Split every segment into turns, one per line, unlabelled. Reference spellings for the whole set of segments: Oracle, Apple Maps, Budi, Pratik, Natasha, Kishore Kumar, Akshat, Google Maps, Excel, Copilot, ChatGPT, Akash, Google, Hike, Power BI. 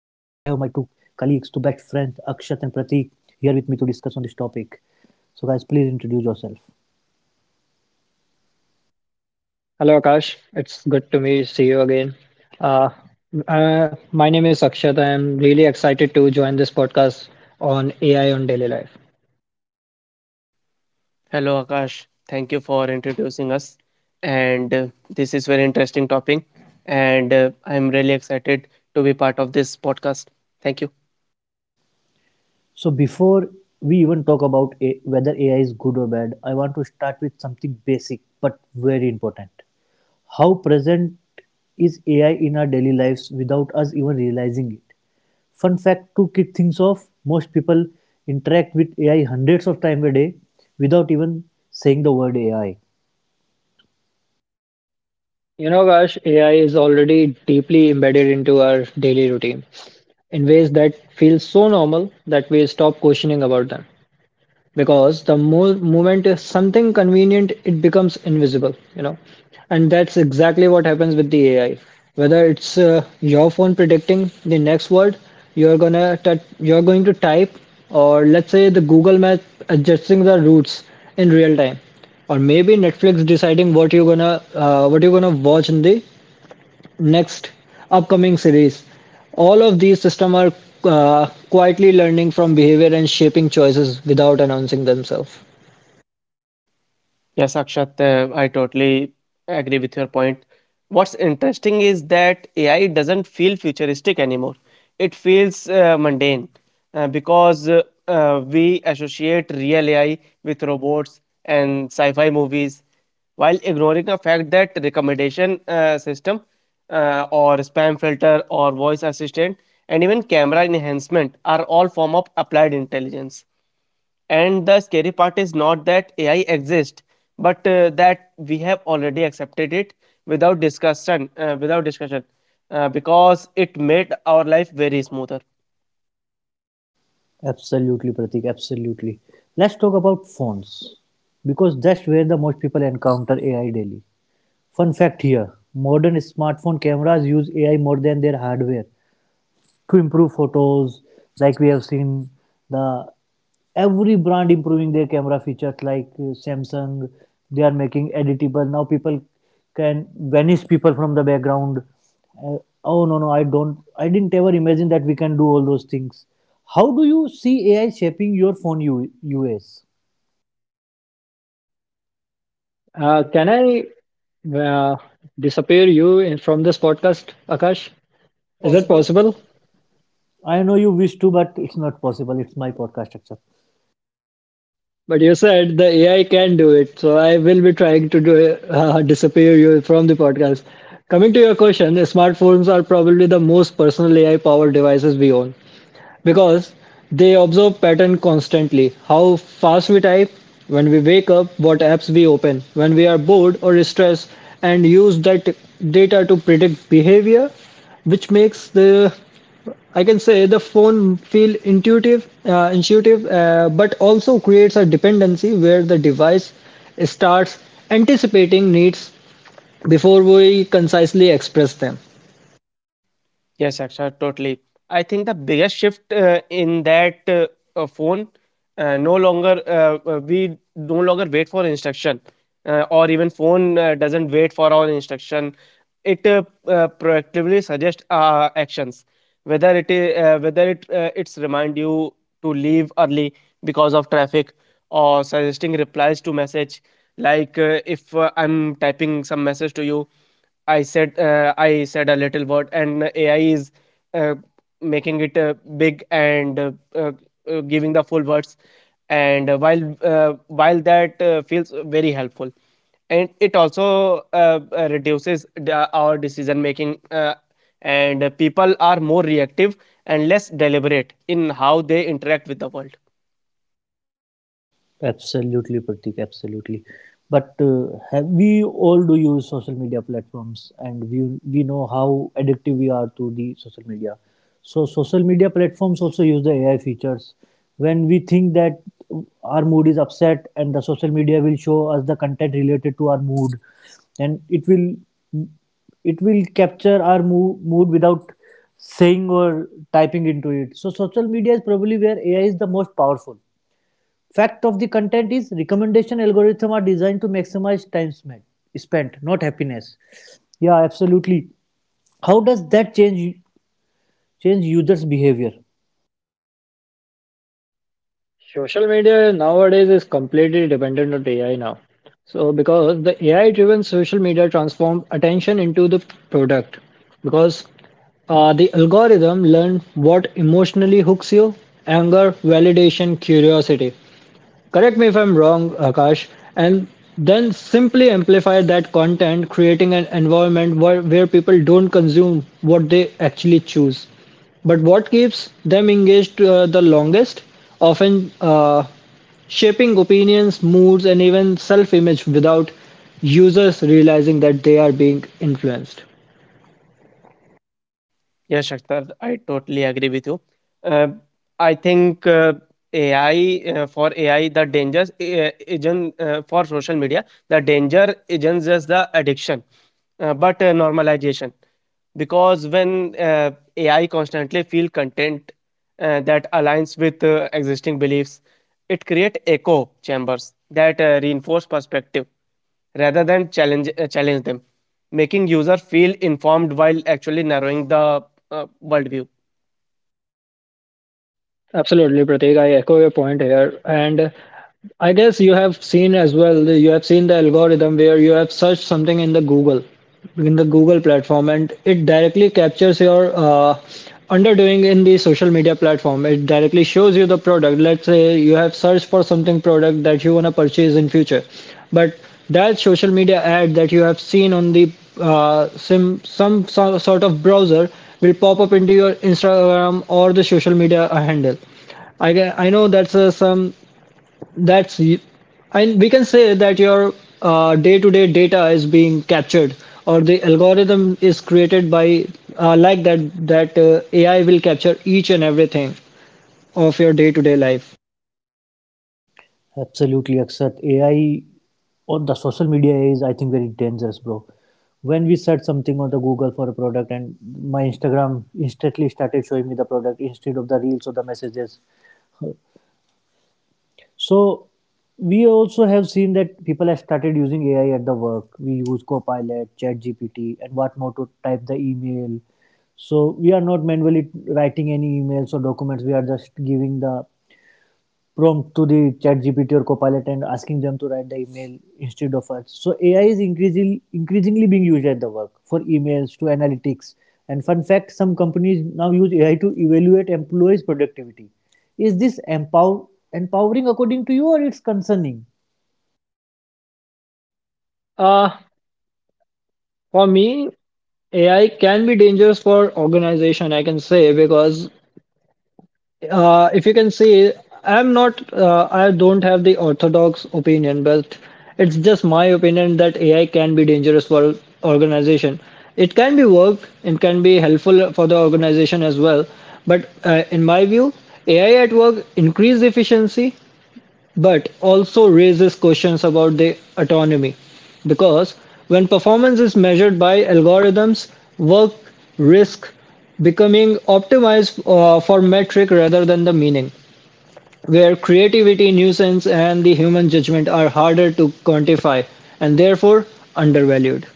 colleagues, two best friends, Akshat and Pratik, here with me to discuss on this topic. So guys, please introduce yourself.
Hello, Akash. It's good to me see you again. Uh, my name is Akshat. I'm really excited to join this podcast on AI on daily life.
Hello, Akash. Thank you for introducing us. And this is very interesting topic. And I'm really excited to be part of this podcast. Thank you.
So before we even talk about whether AI is good or bad, I want to start with something basic but very important. How present is AI in our daily lives without us even realizing it? Fun fact to kick things off, most people interact with AI hundreds of times a day without even saying the word AI.
You know, Akash, AI is already deeply embedded into our daily routine in ways that feel so normal that we stop questioning about them. Because the moment is something convenient, it becomes invisible, you know, and that's exactly what happens with the AI, whether it's your phone predicting the next word you're gonna you're going to type, or let's say the Google map adjusting the routes in real time, or maybe Netflix deciding what you're gonna watch in the next upcoming series. All of these systems are quietly learning from behavior and shaping choices without announcing themselves.
Yes, Akshat, I totally agree with your point. What's interesting is that AI doesn't feel futuristic anymore. It feels mundane because we associate real AI with robots and sci fi movies, while ignoring the fact that recommendation system or spam filter or voice assistant and even camera enhancement are all form of applied intelligence. And the scary part is not that AI exists, but that we have already accepted it without discussion, because it made our life very smoother.
Absolutely, Pratik, absolutely. Let's talk about phones because that's where the most people encounter AI daily. Fun fact here, modern smartphone cameras use AI more than their hardware to improve photos. Like we have seen, the every brand improving their camera features, like Samsung. They are making editable. Now people can vanish people from the background. Oh no no, I didn't ever imagine that we can do all those things. How do you see AI shaping your phone, us?
Can I uh, disappear you from this podcast, Akash?
Is that
Is that
possible?
possible?
I know you wish to, but it's not possible. It's my podcast structure.
But you said the AI can do it, so I will be trying to do it, disappear you from the podcast. Coming to your question, smartphones are probably the most personal AI powered devices we own, because they observe pattern constantly: how fast we type, when we wake up, what apps we open, when we are bored or stressed, and use that data to predict behavior, which makes the I can say the phone feel intuitive, but also creates a dependency where the device starts anticipating needs before we concisely express them.
Yes, Akshay, totally. I think the biggest shift in that phone, no longer we no longer wait for instruction, or even phone doesn't wait for our instruction. It proactively suggests actions, whether it is whether it it's remind you to leave early because of traffic, or suggesting replies to message. Like if I'm typing some message to you, I said a little word, and AI is uh, making it big and giving the full words. And while that feels very helpful, and it also reduces our decision making, and people are more reactive and less deliberate in how they interact with the world.
Absolutely, Pratik, absolutely. But we all do use social media platforms, and we know how addictive we are to the social media. So social media platforms also use the AI features. When we think that our mood is upset, and the social media will show us the content related to our mood, and it will capture our mood without saying or typing into it. So social media is probably where AI is the most powerful. Fact of the content is, recommendation algorithms are designed to maximize time spent, not happiness. Yeah, absolutely. How does that change users' behavior?
Social media nowadays is completely dependent on AI now. So because the AI driven social media transform attention into the product, because the algorithm learn what emotionally hooks you: anger, validation, curiosity. Correct me if I'm wrong, Akash. And then simply amplify that content, creating an environment where people don't consume what they actually choose, but what keeps them engaged the longest? Often, shaping opinions, moods, and even self image without users realizing that they are being influenced.
Yes, Shakhtar, I totally agree with you. Uh, I think AI for AI the dangers isn't for social media. The danger isn't just the addiction, but normalization. Because when AI constantly feel content that aligns with existing beliefs, it create echo chambers that reinforce perspective rather than challenge them, making user feel informed while actually narrowing the worldview.
Absolutely, Pratik. I echo your point here. And I guess you have seen as well, you have seen the algorithm where you have searched something in the Google platform, and it directly captures your underdoing in the social media platform. It directly shows you the product. Let's say you have searched for something product that you want to purchase in future, but that social media ad that you have seen on the some sort of browser will pop up into your Instagram or the social media handle. I know that's some that's y- and we can say that your day-to-day data is being captured, or the algorithm is created by like that that AI will capture each and everything of your day-to-day life.
Absolutely, Akshat. AI, or the social media AI, is, I think, very dangerous, bro. When we search something on the Google for a product, and my Instagram instantly started showing me the product instead of the reels or the messages. So we also have seen that people have started using AI at the work. We use Copilot, ChatGPT, and what more to type the email. So we are not manually writing any emails or documents. We are just giving the prompt to the ChatGPT or Copilot and asking them to write the email instead of us. So AI is increasingly being used at the work, for emails to analytics. And fun fact, some companies now use AI to evaluate employees' productivity. Is this empowering according to you, or it's concerning?
Uh, for me, AI can be dangerous for organization, I can say, because if you can see, I don't have the orthodox opinion, but it's just my opinion that AI can be dangerous for organization. It can be worked, it can be helpful for the organization as well. But in my view, AI at work increase efficiency, but also raises questions about their autonomy. Because when performance is measured by algorithms, work risk becoming optimized for metric rather than the meaning, where creativity, nuisance, and the human judgment are harder to quantify and therefore undervalued.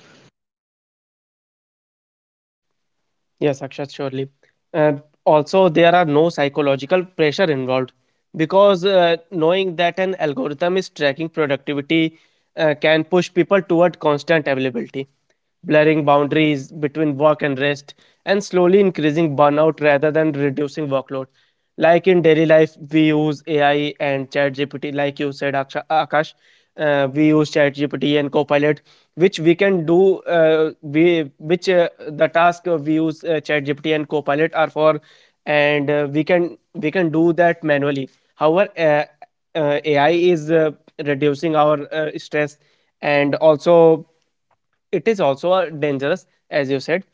Yes, Akshat, surely. Uh, Also, there are no psychological pressure involved because knowing that an algorithm is tracking productivity can push people toward constant availability, blurring boundaries between work and rest, and slowly increasing burnout rather than reducing workload. Like in daily life, we use AI and ChatGPT, like you said, Akash. We use ChatGPT and Copilot, which we can do. We which The task we use ChatGPT and Copilot are for, and we can do that manually. However, AI is reducing our stress, and also it is also dangerous, as you said,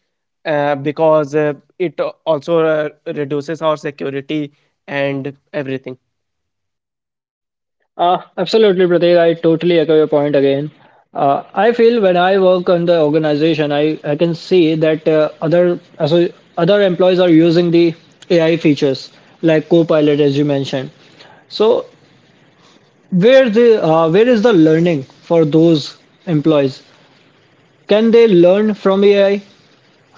because it also reduces our security and everything.
Absolutely, Pratik. I totally echo your point again. I feel when I work on the organization, I can see that so other employees are using the AI features like Copilot, as you mentioned. So where is the learning for those employees? Can they learn from AI?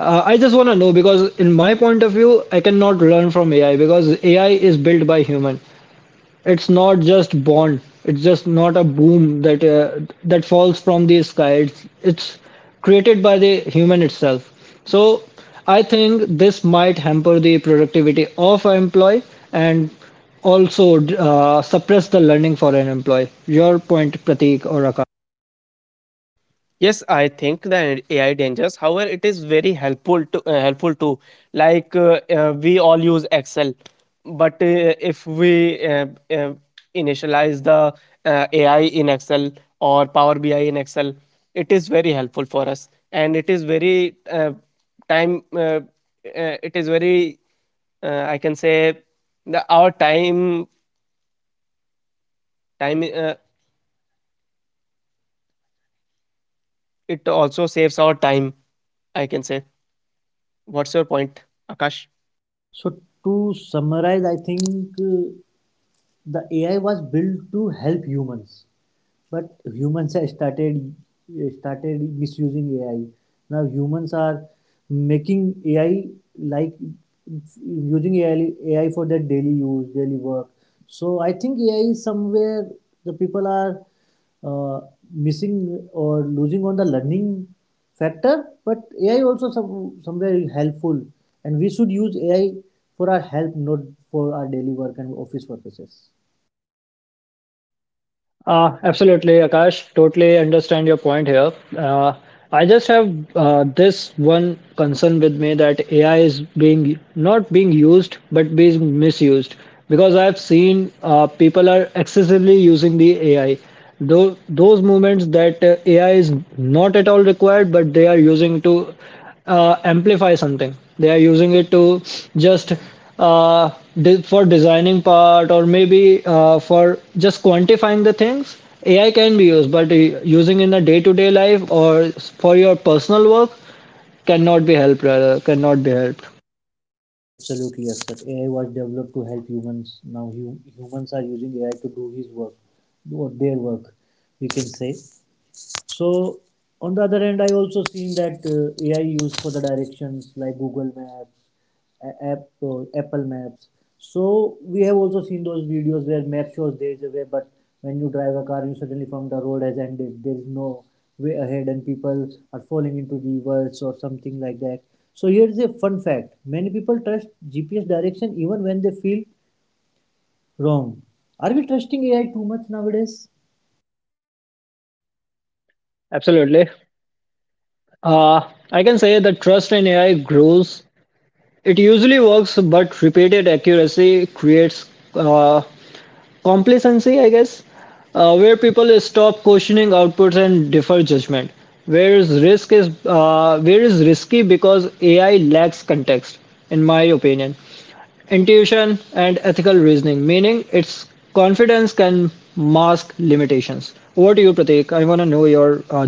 I just want to know, because in my point of view, I cannot learn from AI because AI is built by human. It's not just Bond. It's just not a boom that that falls from the sky. It's created by the human itself. So I think this might hamper the productivity of an employee and also suppress the learning for an employee. Your point, Pratik or Akash?
Yes, I think the AI dangerous. However, it is very helpful too. Like we all use Excel, but if we initialize the AI in Excel or Power BI in Excel. It is very helpful for us, and it is very time. It is very I can say the, our time time it also saves our time. I can say. What's your point, Akash?
So to summarize, I think uh, the AI was built to help humans, but humans have started misusing AI. Now humans are making AI, like using AI, for their daily use, daily work. So I think AI is somewhere, the people are uh, missing or losing on the learning factor. But AI also somewhere is helpful, and we should use AI for our help, not for our daily work and office purposes.
Absolutely, Akash. Totally understand your point here. I just have this one concern with me that AI is being not being used but being misused, because I have seen people are excessively using the AI. Those moments that AI is not at all required, but they are using to amplify something. They are using it to just uh, for designing part, or maybe for just quantifying the things. AI can be used, but using in a day to day life or for your personal work cannot be helped, rather cannot be helped.
Absolutely, yes, sir. AI was developed to help humans. Now humans are using AI to do his work, do their work, we can say. So on the other hand, I also seen that AI used for the directions like Google Maps, app, Apple Maps. So we have also seen those videos where map shows there is a way, but when you drive a car, you suddenly found the road has ended. There is no way ahead, and people are falling into rivers or something like that. So here is a fun fact: many people trust GPS direction even when they feel wrong. Are we trusting AI too much nowadays?
Absolutely. uh, I can say that trust in AI grows. It usually works, but repeated accuracy creates uh, complacency, I guess, where people stop questioning outputs and defer judgment. Where is risky, because AI lacks context, in my opinion, intuition and ethical reasoning. Meaning, its confidence can mask limitations. Over to you, Pratik. I want to know your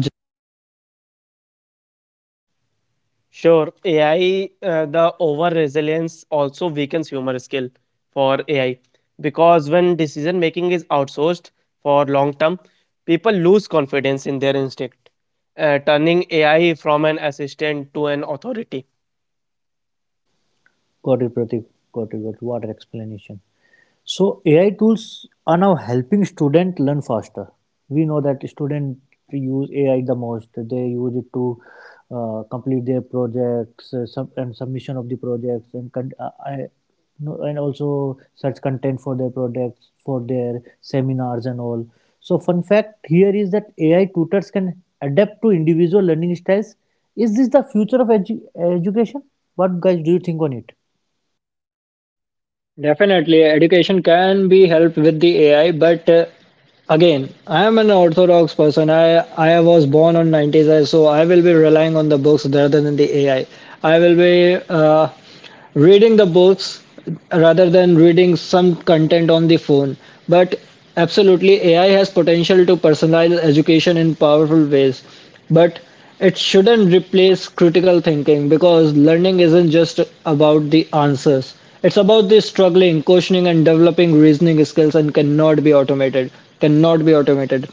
Sure, AI uh, the over resilience also weakens human skill for AI, because when decision making is outsourced for long term, people lose confidence in their instinct, turning AI from an assistant to an authority.
Got it, Pratik. Got it. Got it. What an explanation? So AI tools are now helping students learn faster. We know that students use AI the most. They use it to complete their projects, and submission of the projects, and I, no, and also search content for their projects, for their seminars and all. So fun fact here is that AI tutors can adapt to individual learning styles. Is this the future of education? What guys do you think on it?
Definitely, education can be helped with the AI, but again, I am an orthodox person. I was born on 90s, so I will be relying on the books rather than the AI. I will be uh, reading the books rather than reading some content on the phone. But absolutely, AI has potential to personalize education in powerful ways. But it shouldn't replace critical thinking, because learning isn't just about the answers. It's about the struggling, questioning, and developing reasoning skills and cannot be automated. Cannot be automated.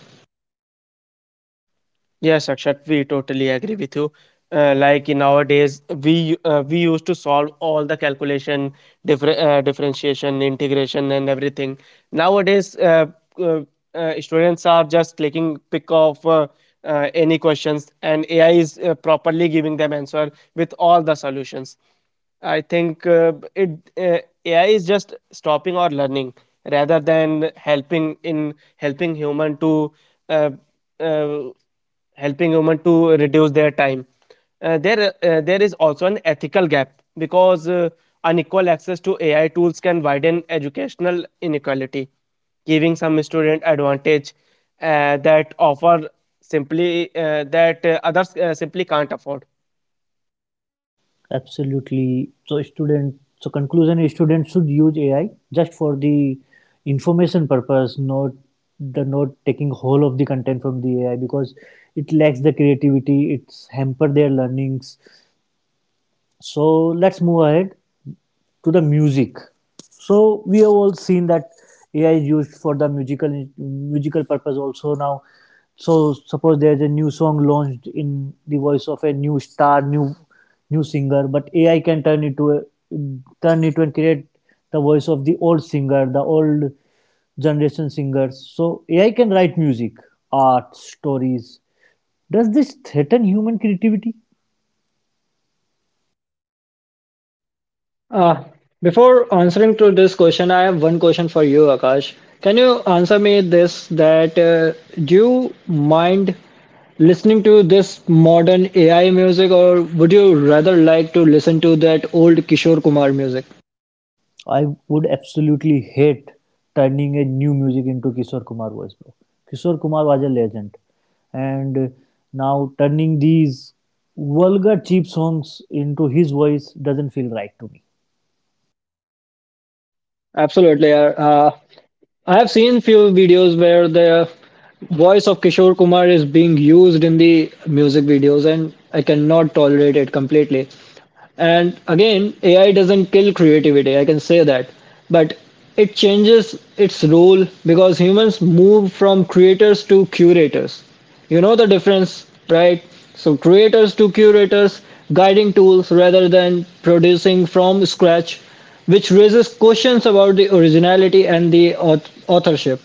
Yes, Akshat, we totally agree with you. Like in nowadays, we used to solve all the calculation, differentiation, integration, and everything. Nowadays, uh, students are just clicking pick of any questions, and AI is properly giving them answer with all the solutions. I think b- it AI is just stopping our learning rather than helping human to uh, uh, helping women to reduce their time. There is also an ethical gap because unequal access to AI tools can widen educational inequality, giving some student advantage uh, that offer that others simply can't afford.
Absolutely. So, student, so conclusion is, students should use AI just for the information purpose, not taking whole of the content from the AI, because it lacks the creativity, it's hamper their learnings. So let's move ahead to the music. So we have all seen that AI is used for the musical purpose also now. So suppose there is a new song launched in the voice of a new star, new singer, but AI can turn into a turn it and create the voice of the old singer, the old generation singers. So AI can write music, art, stories. Does this threaten human creativity?
Uh, Before answering to this question, I have one question for you, Akash. Can you answer me this that do you mind listening to this modern AI music, or would you rather like to listen to that old Kishore Kumar music?
I would absolutely hate turning a new music into Kishore Kumar voice, bro. Kishore Kumar was a legend, and now turning these vulgar cheap songs into his voice doesn't feel right to me.
Absolutely. Uh, I have seen few videos where the voice of Kishore Kumar is being used in the music videos, and I cannot tolerate it completely. And again, AI doesn't kill creativity, I can say that. But it changes its role because humans move from creators to curators. You know the difference, right? So, creators to curators, guiding tools rather than producing from scratch, which raises questions about the originality and the authorship.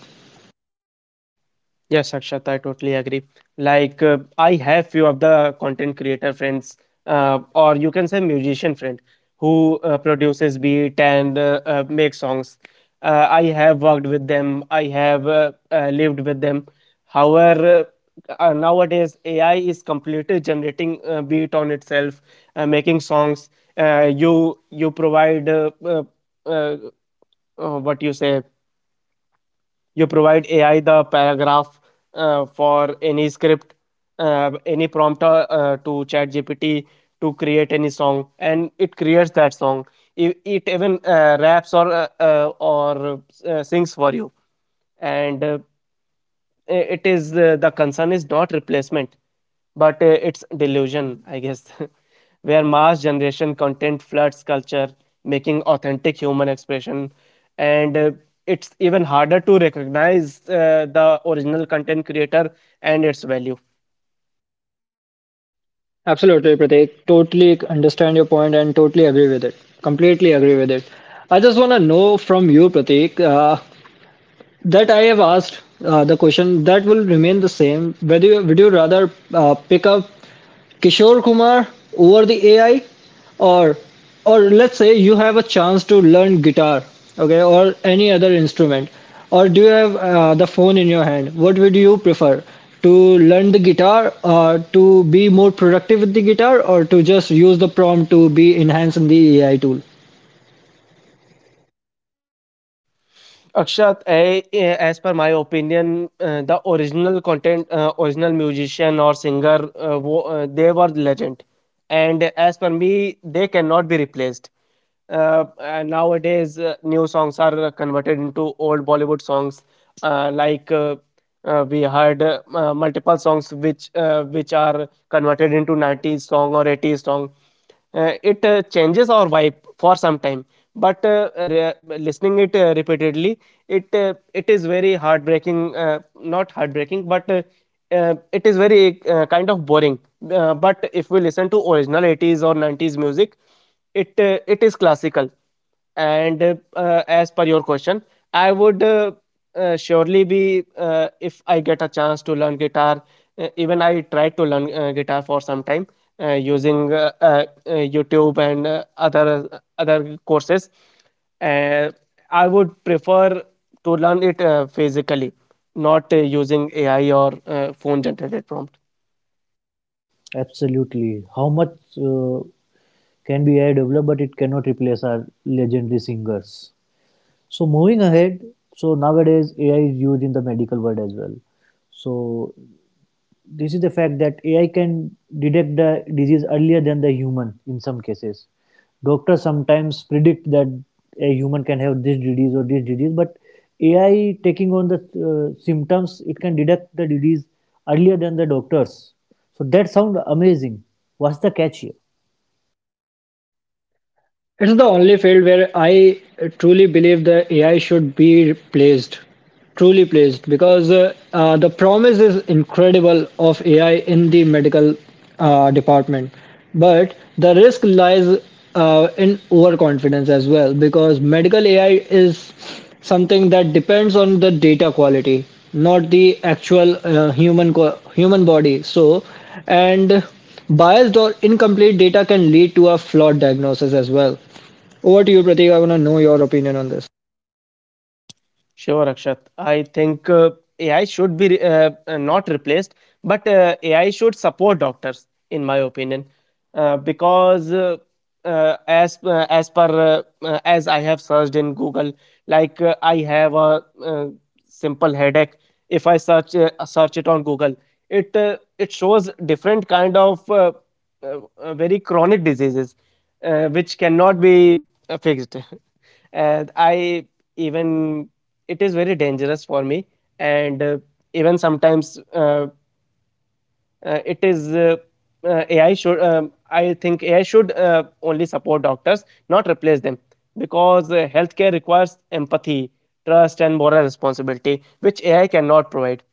Yes, Akshat, I totally agree. Like I have few of the content creator friends, or you can say musician friend, who produces beat and make songs. I have worked with them. I have lived with them. However, nowadays AI is completely generating beat on itself, making songs. You provide uh, what you say, you provide AI the paragraph for any script, any prompt to ChatGPT to create any song, and it creates that song. It even raps or sings for you, and it is the concern is not replacement but it's delusion, I guess. Where mass generation content floods culture, making authentic human expression, and it's even harder to recognize the original content creator and its value.
Absolutely, Pratik. Totally understand your point and totally agree with it. Completely agree with it. I just want to know from you, Pratik, that I have asked the question that will remain the same. Would you rather pick up Kishore Kumar over the AI, or or let's say you have a chance to learn guitar, okay, or any other instrument, or do you have the phone in your hand? What would you prefer? To learn the guitar, or to be more productive with the guitar, or to just use the prompt to be enhanced in the AI tool.
Akshat, as per my opinion, original musician or singer, they were legend, and as per me, they cannot be replaced. And nowadays, new songs are converted into old Bollywood songs. Like we heard multiple songs which are converted into 90s song or 80s song. It changes our vibe for some time, but listening it repeatedly, it is very heartbreaking, not heartbreaking, but it is very kind of boring. But if we listen to original 80s or 90s music, it is classical. And as per your question, I would surely be. If I get a chance to learn guitar, even I tried to learn guitar for some time using YouTube and other courses, uh, I would prefer to learn it physically, not using AI or phone generated prompt.
Absolutely, how much uh, can be AI developed, but it cannot replace our legendary singers. So moving ahead, so nowadays AI is used in the medical world as well. So this is the fact that AI can detect the disease earlier than the human in some cases. Doctors sometimes predict that a human can have this disease or this disease, but AI taking on the symptoms, it can detect the disease earlier than the doctors. So that sounds amazing. What's the catch here?
It's the only field where I truly believe that AI should be replaced, truly placed, because the promise is incredible of AI in the medical department, but the risk lies in overconfidence as well, because medical AI is something that depends on the data quality, not the actual human body. So and biased or incomplete data can lead to a flawed diagnosis as well. Over to you, Pratik. I want to know your opinion on this.
Sure, Akshat. I think AI should be not replaced, but AI should support doctors, in my opinion, because as I have searched in Google. Like I have a simple headache. If I search it on Google, it shows different kind of very chronic diseases which cannot be fixed. And I even, it is very dangerous for me. And even sometimes it is AI should only support doctors, not replace them, because healthcare requires empathy, trust, and moral responsibility, which AI cannot provide.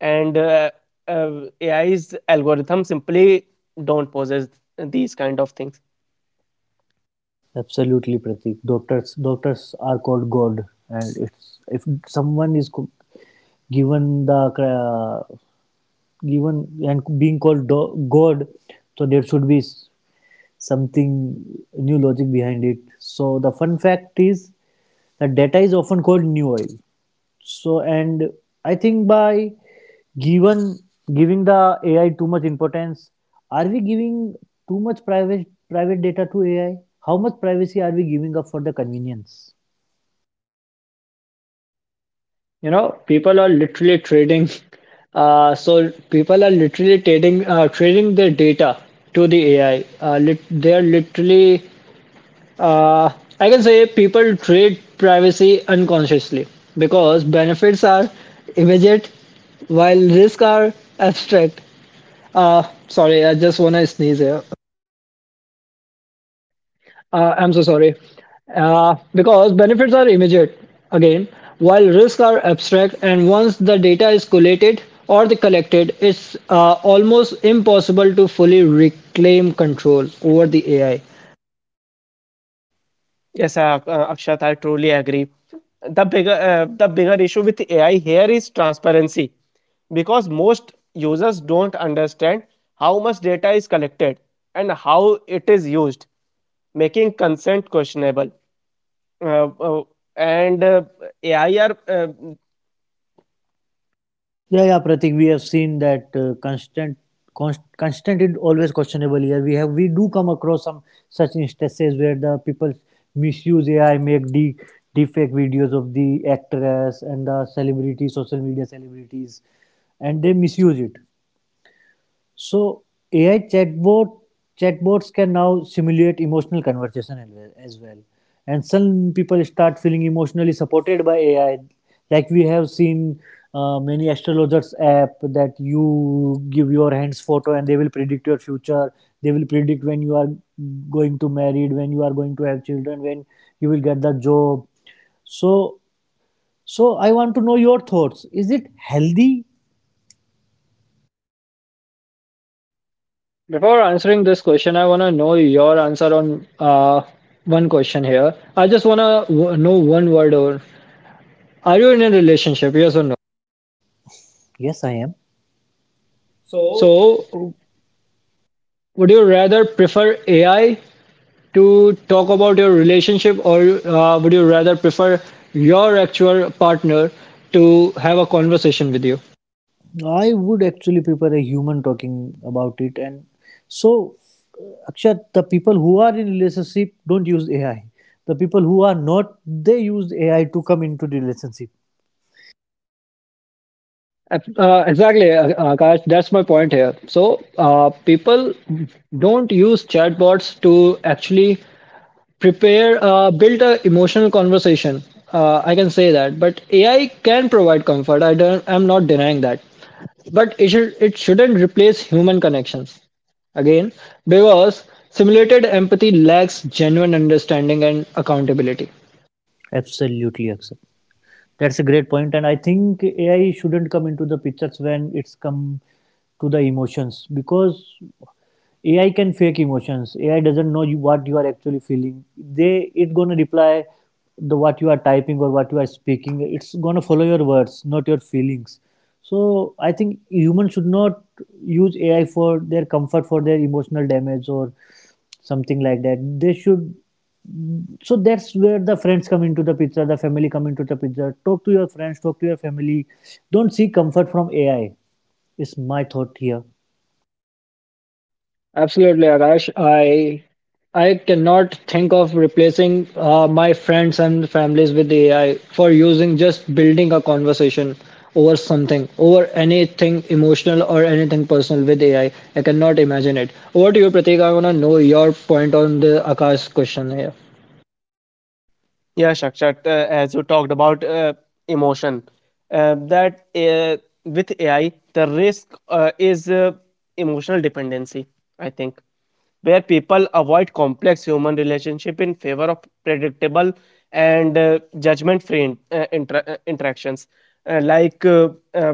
And uh, AI's algorithm simply don't possess these kind of things.
Absolutely, Pratik. Doctors are called God, and it's, if someone is given the uh, given and being called God, so there should be something new logic behind it. So the fun fact is that data is often called new oil. So, and I think by given giving the AI too much importance, are we giving too much private data to AI? How much privacy are we giving up for the convenience?
You know, people are literally trading. So people are literally trading their data to the AI. They are literally. Uh, I can say people trade privacy unconsciously because benefits are immediate while risks are abstract. Uh, Sorry, I just wanna sneeze here. I'm so sorry. Because benefits are immediate, again, while risks are abstract, and once the data is collated or the collected, it's almost impossible to fully reclaim control over the AI.
Yes, Akshat, I truly agree. The bigger issue with AI here is transparency, because most users don't understand how much data is collected and how it is used, making consent questionable. Uh, uh, and AI are
Yeah, yeah, Pratik, we have seen that constant is always questionable here. We do come across some such instances where the people misuse AI, make de deepfake videos of the actress and the celebrity, social media celebrities, and they misuse it. So AI chatbots can now simulate emotional conversation as well, and some people start feeling emotionally supported by AI. Like we have seen many astrologers app that you give your hands photo, and they will predict your future. They will predict when you are going to married, when you are going to have children, when you will get the job. So, I want to know your thoughts. Is it healthy?
Before answering this question, I want to know your answer on one question here. I just want to know one word, or are you in a relationship? Yes or no?
Yes, I am. So
So, would you rather prefer AI to talk about your relationship, or would you rather prefer your actual partner to have a conversation with you?
I would actually prefer a human talking about it. And so, Akshat, the people who are in relationship don't use AI. The people who are not, they use AI to come into the relationship.
Exactly, Akash. That's my point here. So, people don't use chatbots to actually prepare, build a emotional conversation. I can say that, but AI can provide comfort. I don't. I'm not denying that. But it shouldn't replace human connections. Again, because simulated empathy lacks genuine understanding and accountability.
Absolutely, Akshat. That's a great point, and I think AI shouldn't come into the pictures when it's come to the emotions, because AI can fake emotions. AI doesn't know you, what you are actually feeling. They It gonna reply the what you are typing or what you are speaking. It's gonna follow your words, not your feelings. So I think humans should not use AI for their comfort, for their emotional damage or something like that. They should. So that's where the friends come into the picture, the family come into the picture. Talk to your friends, talk to your family. Don't seek comfort from AI. Is my thought here.
Absolutely, Akash. I cannot think of replacing my friends and families with AI for using just building a conversation over something, over anything emotional or anything personal with AI. I cannot imagine it. Over to you, Pratik. I want to know your point on the Akash question here.
yeah, Shakshat, as you talked about emotion, that with AI, the risk is emotional dependency, I think, where people avoid complex human relationship in favor of predictable and judgment-free interactions. Like uh,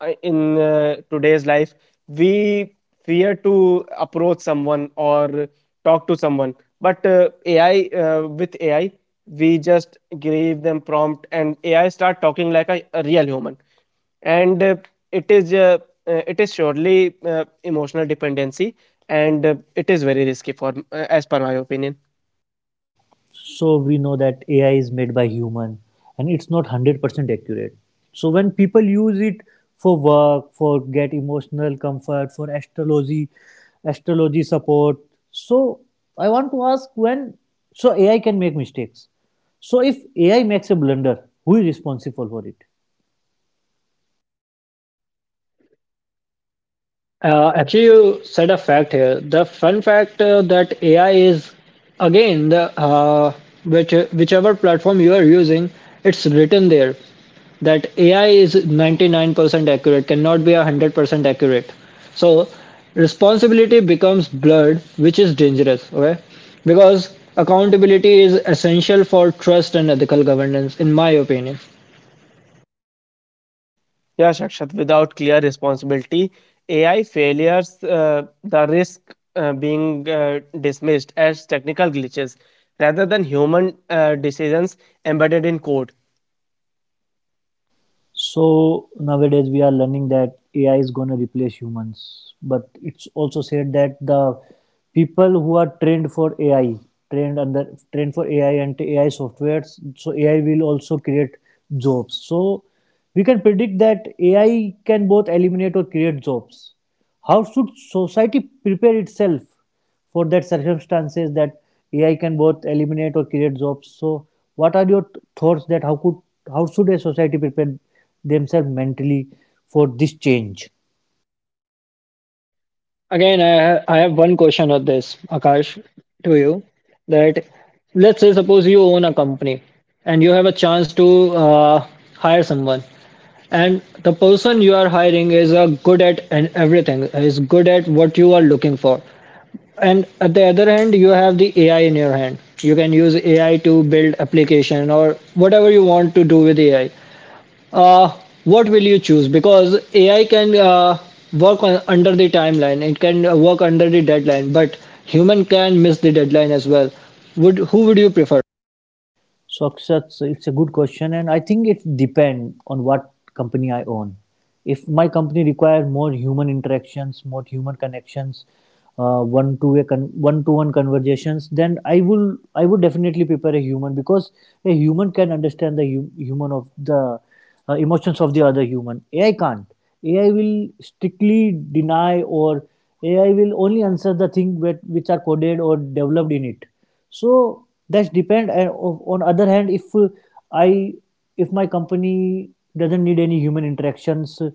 in today's life, we fear to approach someone or talk to someone, but ai with ai we just give them prompt and ai start talking like a real human. And it is uh, it is surely emotional dependency, and it is very risky for, as per my opinion.
So we know that AI is made by human, and it's not 100% accurate. So when people use it for work, for get emotional comfort, for astrology support, so I want to ask, when so AI can make mistakes, so if AI makes a blunder, who is responsible for it?
Actually, you said a fact here. The fun fact that AI is again the whichever platform you are using, it's written there that AI is 99% accurate, cannot be 100% accurate. So responsibility becomes blurred, which is dangerous. Okay, because accountability is essential for trust and ethical governance, in my opinion.
Yeah, Shakshat, without clear responsibility, AI failures, the risk being dismissed as technical glitches rather than human decisions embedded in code.
So nowadays we are learning that AI is going to replace humans, but it's also said that the people who are trained for AI, trained under trained for AI and AI softwares, so AI will also create jobs. So we can predict that AI can both eliminate or create jobs. How should society prepare itself, for that circumstances that AI can both eliminate or create jobs? So, what are your thoughts, that how should a society prepare themselves mentally for this change?
Again, I have one question on this, Akash, to you. That let's say suppose you own a company and you have a chance to uh, hire someone, and the person you are hiring is good at and everything is good at what you are looking for. And at the other hand, you have the AI in your hand. You can use AI to build application or whatever you want to do with AI uh, what will you choose? Because AI can work on, under the timeline, it can work under the deadline, but human can miss the deadline as well. Would who would you prefer?
So, Akshat, so it's a good question, and I think it depends on what company I own. If my company requires more human interactions, more human connections, one to one conversations, then I would definitely prepare a human, because a human can understand the human of the emotions of the other human. AI can't. AI will strictly deny, or AI will only answer the thing that, which are coded or developed in it. So that's depend. And on other hand, I if my company doesn't need any human interactions,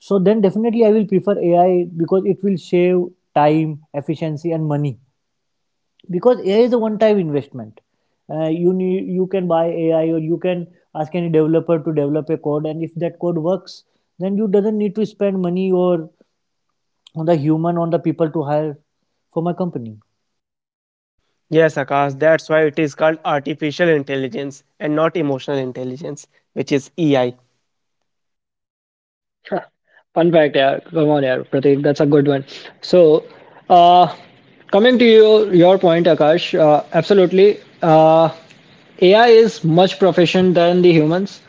so then definitely I will prefer AI because it will save time, efficiency, and money because AI is a one-time investment. You can buy AI, or you can ask any developer to develop a code, and if that code works, then you doesn't need to spend money or on the human on the people to hire for my company.
Yes, Akash, that's why it is called artificial intelligence and not emotional intelligence, which is EI.
Huh, fun fact, yeah. Come on, yeah, Pratik, that's a good one. So, uh, coming to your point, Akash, absolutely. AI is much proficient than the humans,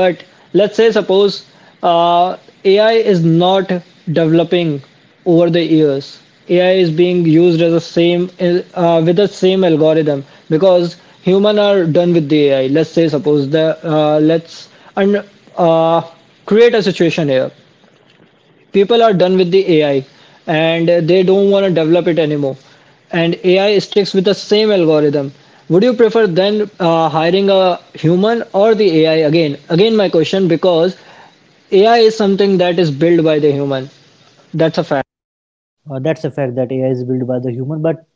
but let's say suppose uh, AI is not developing over the years. AI is being used as a same with the same algorithm because human are done with the AI. Let's say suppose the let's and uh, Create a situation here, people are done with the AI and they don't want to develop it anymore. And AI sticks with the same algorithm. Would you prefer then hiring a human or the AI again? Again, my question, because AI is something that is built by the human. That's a fact.
That's a fact that AI is built by the human, but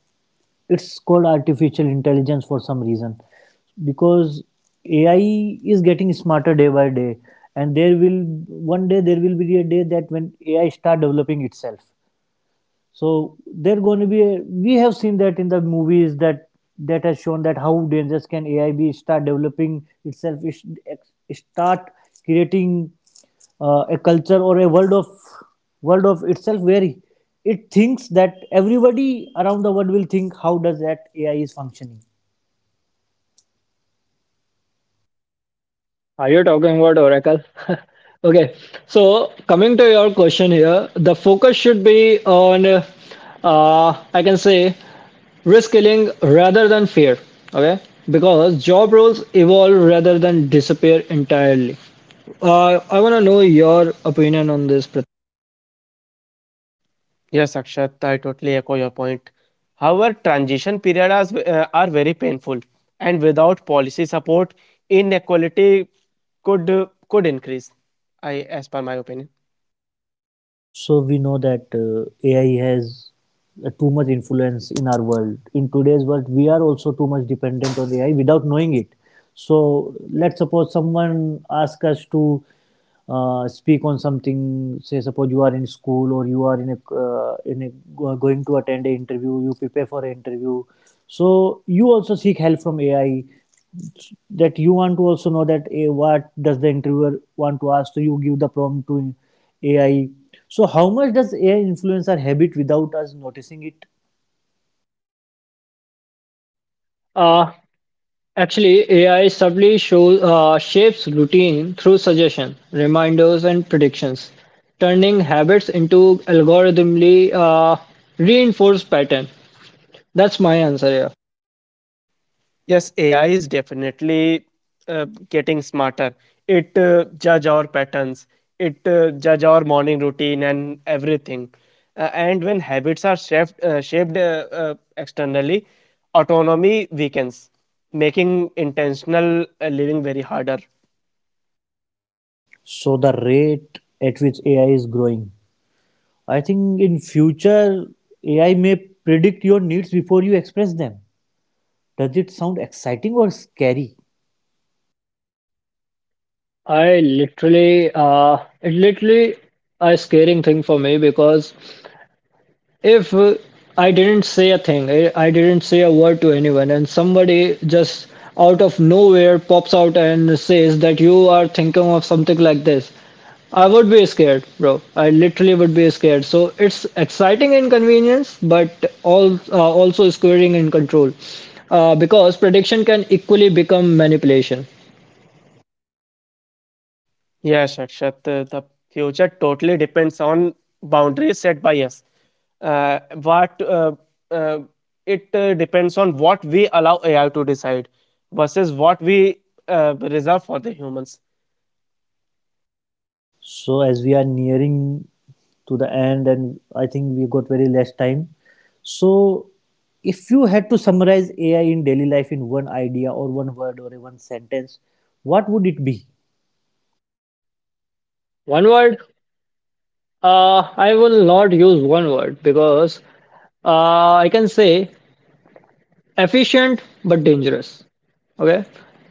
it's called artificial intelligence for some reason, because AI is getting smarter day by day, and there will one day there will be a day that when AI start developing itself. So they're going to be. We have seen that in the movies that has shown that how dangerous can AI be. Start developing itself. Start creating a culture or a world of itself, where it thinks that everybody around the world will think how does that AI is functioning.
Are you talking about Oracle? Okay, so coming to your question here, the focus should be on, I can say, risk killing rather than fear. Okay, because job roles evolve rather than disappear entirely. I want to know your opinion on this.
Yes, Akshat, I totally echo your point. However, transition periods are very painful, and without policy support, inequality could increase. I, as per my opinion.
So we know that AI has too much influence in our world. In today's world, we are also too much dependent on AI without knowing it. So let's suppose someone asks us to speak on something. Say, suppose you are in school, or you are in a going to attend an interview. You prepare for an interview. So you also seek help from AI, that you want to also know that eh, what does the interviewer want to ask, so you give the prompt to AI. So, how much does AI influence our habit without us noticing it?
Prith- Actually, AI subtly shapes routine through suggestions, reminders, and predictions, turning habits into algorithmically reinforced pattern. That's my answer here.
Yes, AI is definitely getting smarter. It judge our patterns, it judge our morning routine and everything. And when habits are shaped externally, autonomy weakens, making intentional living very harder.
So, the rate at which AI is growing, I think in future AI may predict your needs before you express them. Does it sound exciting or scary?
It literally a scaring thing for me, because If I didn't say a thing, I didn't say a word to anyone, and somebody just out of nowhere pops out and says that you are thinking of something like this, I would be scared, bro. I literally would be scared. So it's exciting inconvenience, but all also scaring in control, because prediction can equally become manipulation.
Yes, Akshat, the future totally depends on boundaries set by us. What uh, it depends on what we allow AI to decide versus what we reserve for the humans.
So, as we are nearing to the end, and I think we got very less time. So, if you had to summarize AI in daily life in one idea or one word or one sentence, what would it be?
One word, uh, I will not use one word, because I can say efficient but dangerous. Okay.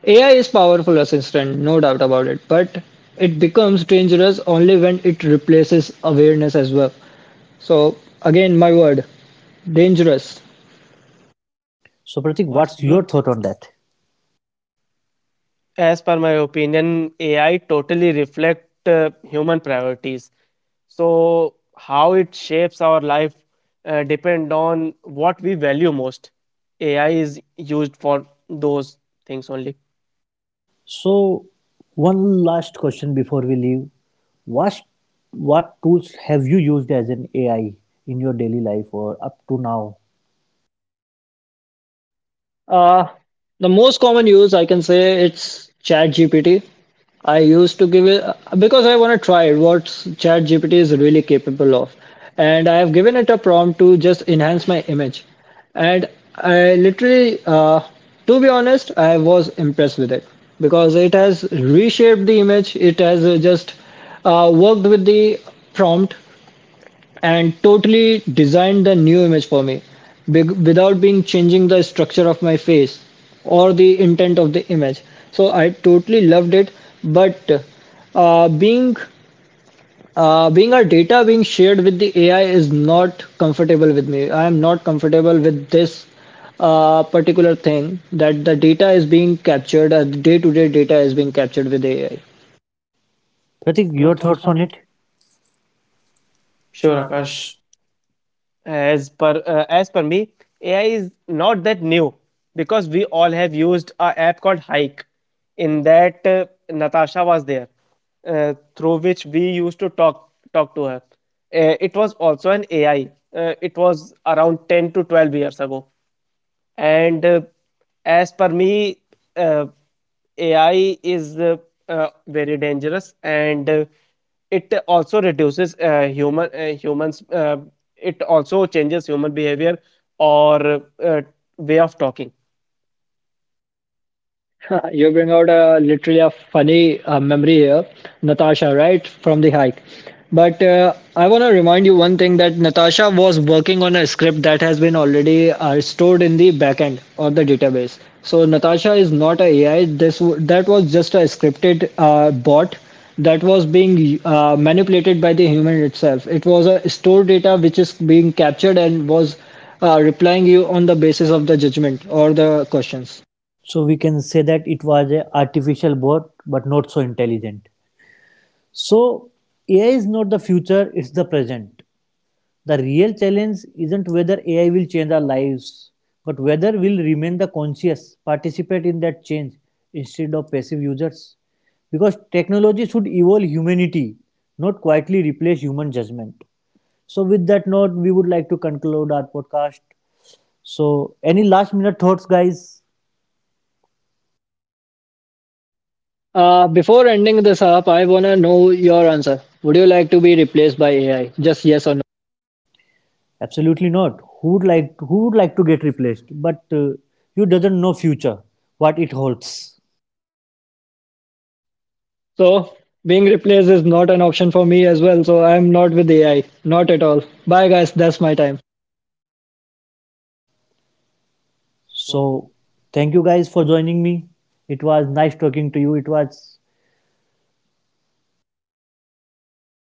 AI is powerful assistant, no doubt about it, but it becomes dangerous only when it replaces awareness as well. So again, my word, dangerous.
So, Pratik, what's your thought on that?
As per my opinion, AI totally reflect human priorities. So how it shapes our life depend on what we value most. AI is used for those things only.
So, one last question before we leave. What, what tools have you used as an AI in your daily life or up to now?
Uh, the most common use I can say it's ChatGPT. I used to give it because I want to try what ChatGPT is really capable of, and I have given it a prompt to just enhance my image, and I literally, uh, to be honest, I was impressed with it, because it has reshaped the image. It has just worked with the prompt and totally designed the new image for me big, without being changing the structure of my face or the intent of the image, so I totally loved it. But uh, being uh, being our data being shared with the AI is not comfortable with me. I am not comfortable with this particular thing, that the data is being captured, day to day data is being captured with AI.
Pratik, your thoughts on it?
Sure,
Sure,
Akash.
Akash.
As per me, AI is not that new because we all have used a app called Hike. In that, Natasha was there, through which we used to talk to her. It was also an AI. It was around 10 to 12 years ago. And as per me, uh, AI is very dangerous, and it also reduces humans. It also changes human behavior or way of talking.
You bring out a literally a funny memory here, Natasha, right, from the Hike. But I want to remind you one thing, that Natasha was working on a script that has been already stored in the backend of the database. So Natasha is not a AI. That was just a scripted bot that was being manipulated by the human itself. It was a stored data which is being captured and was replying you on the basis of the judgment or the questions.
So, we can say that it was an artificial bot, but not so intelligent. So, AI is not the future, it's the present. The real challenge isn't whether AI will change our lives, but whether we'll remain the conscious, participate in that change instead of passive users. Because technology should evolve humanity, not quietly replace human judgment. So, with that note, we would like to conclude our podcast. So, any last minute thoughts, guys?
Before ending this up, I wanna know your answer. Would you like to be replaced by AI? Just yes or no.
Absolutely not. Who would like to, who would like to get replaced? But you doesn't know future what it holds.
So being replaced is not an option for me as well. So I'm not with AI, not at all. Bye guys, that's my time.
So, thank you guys for joining me. It was nice talking to you. It was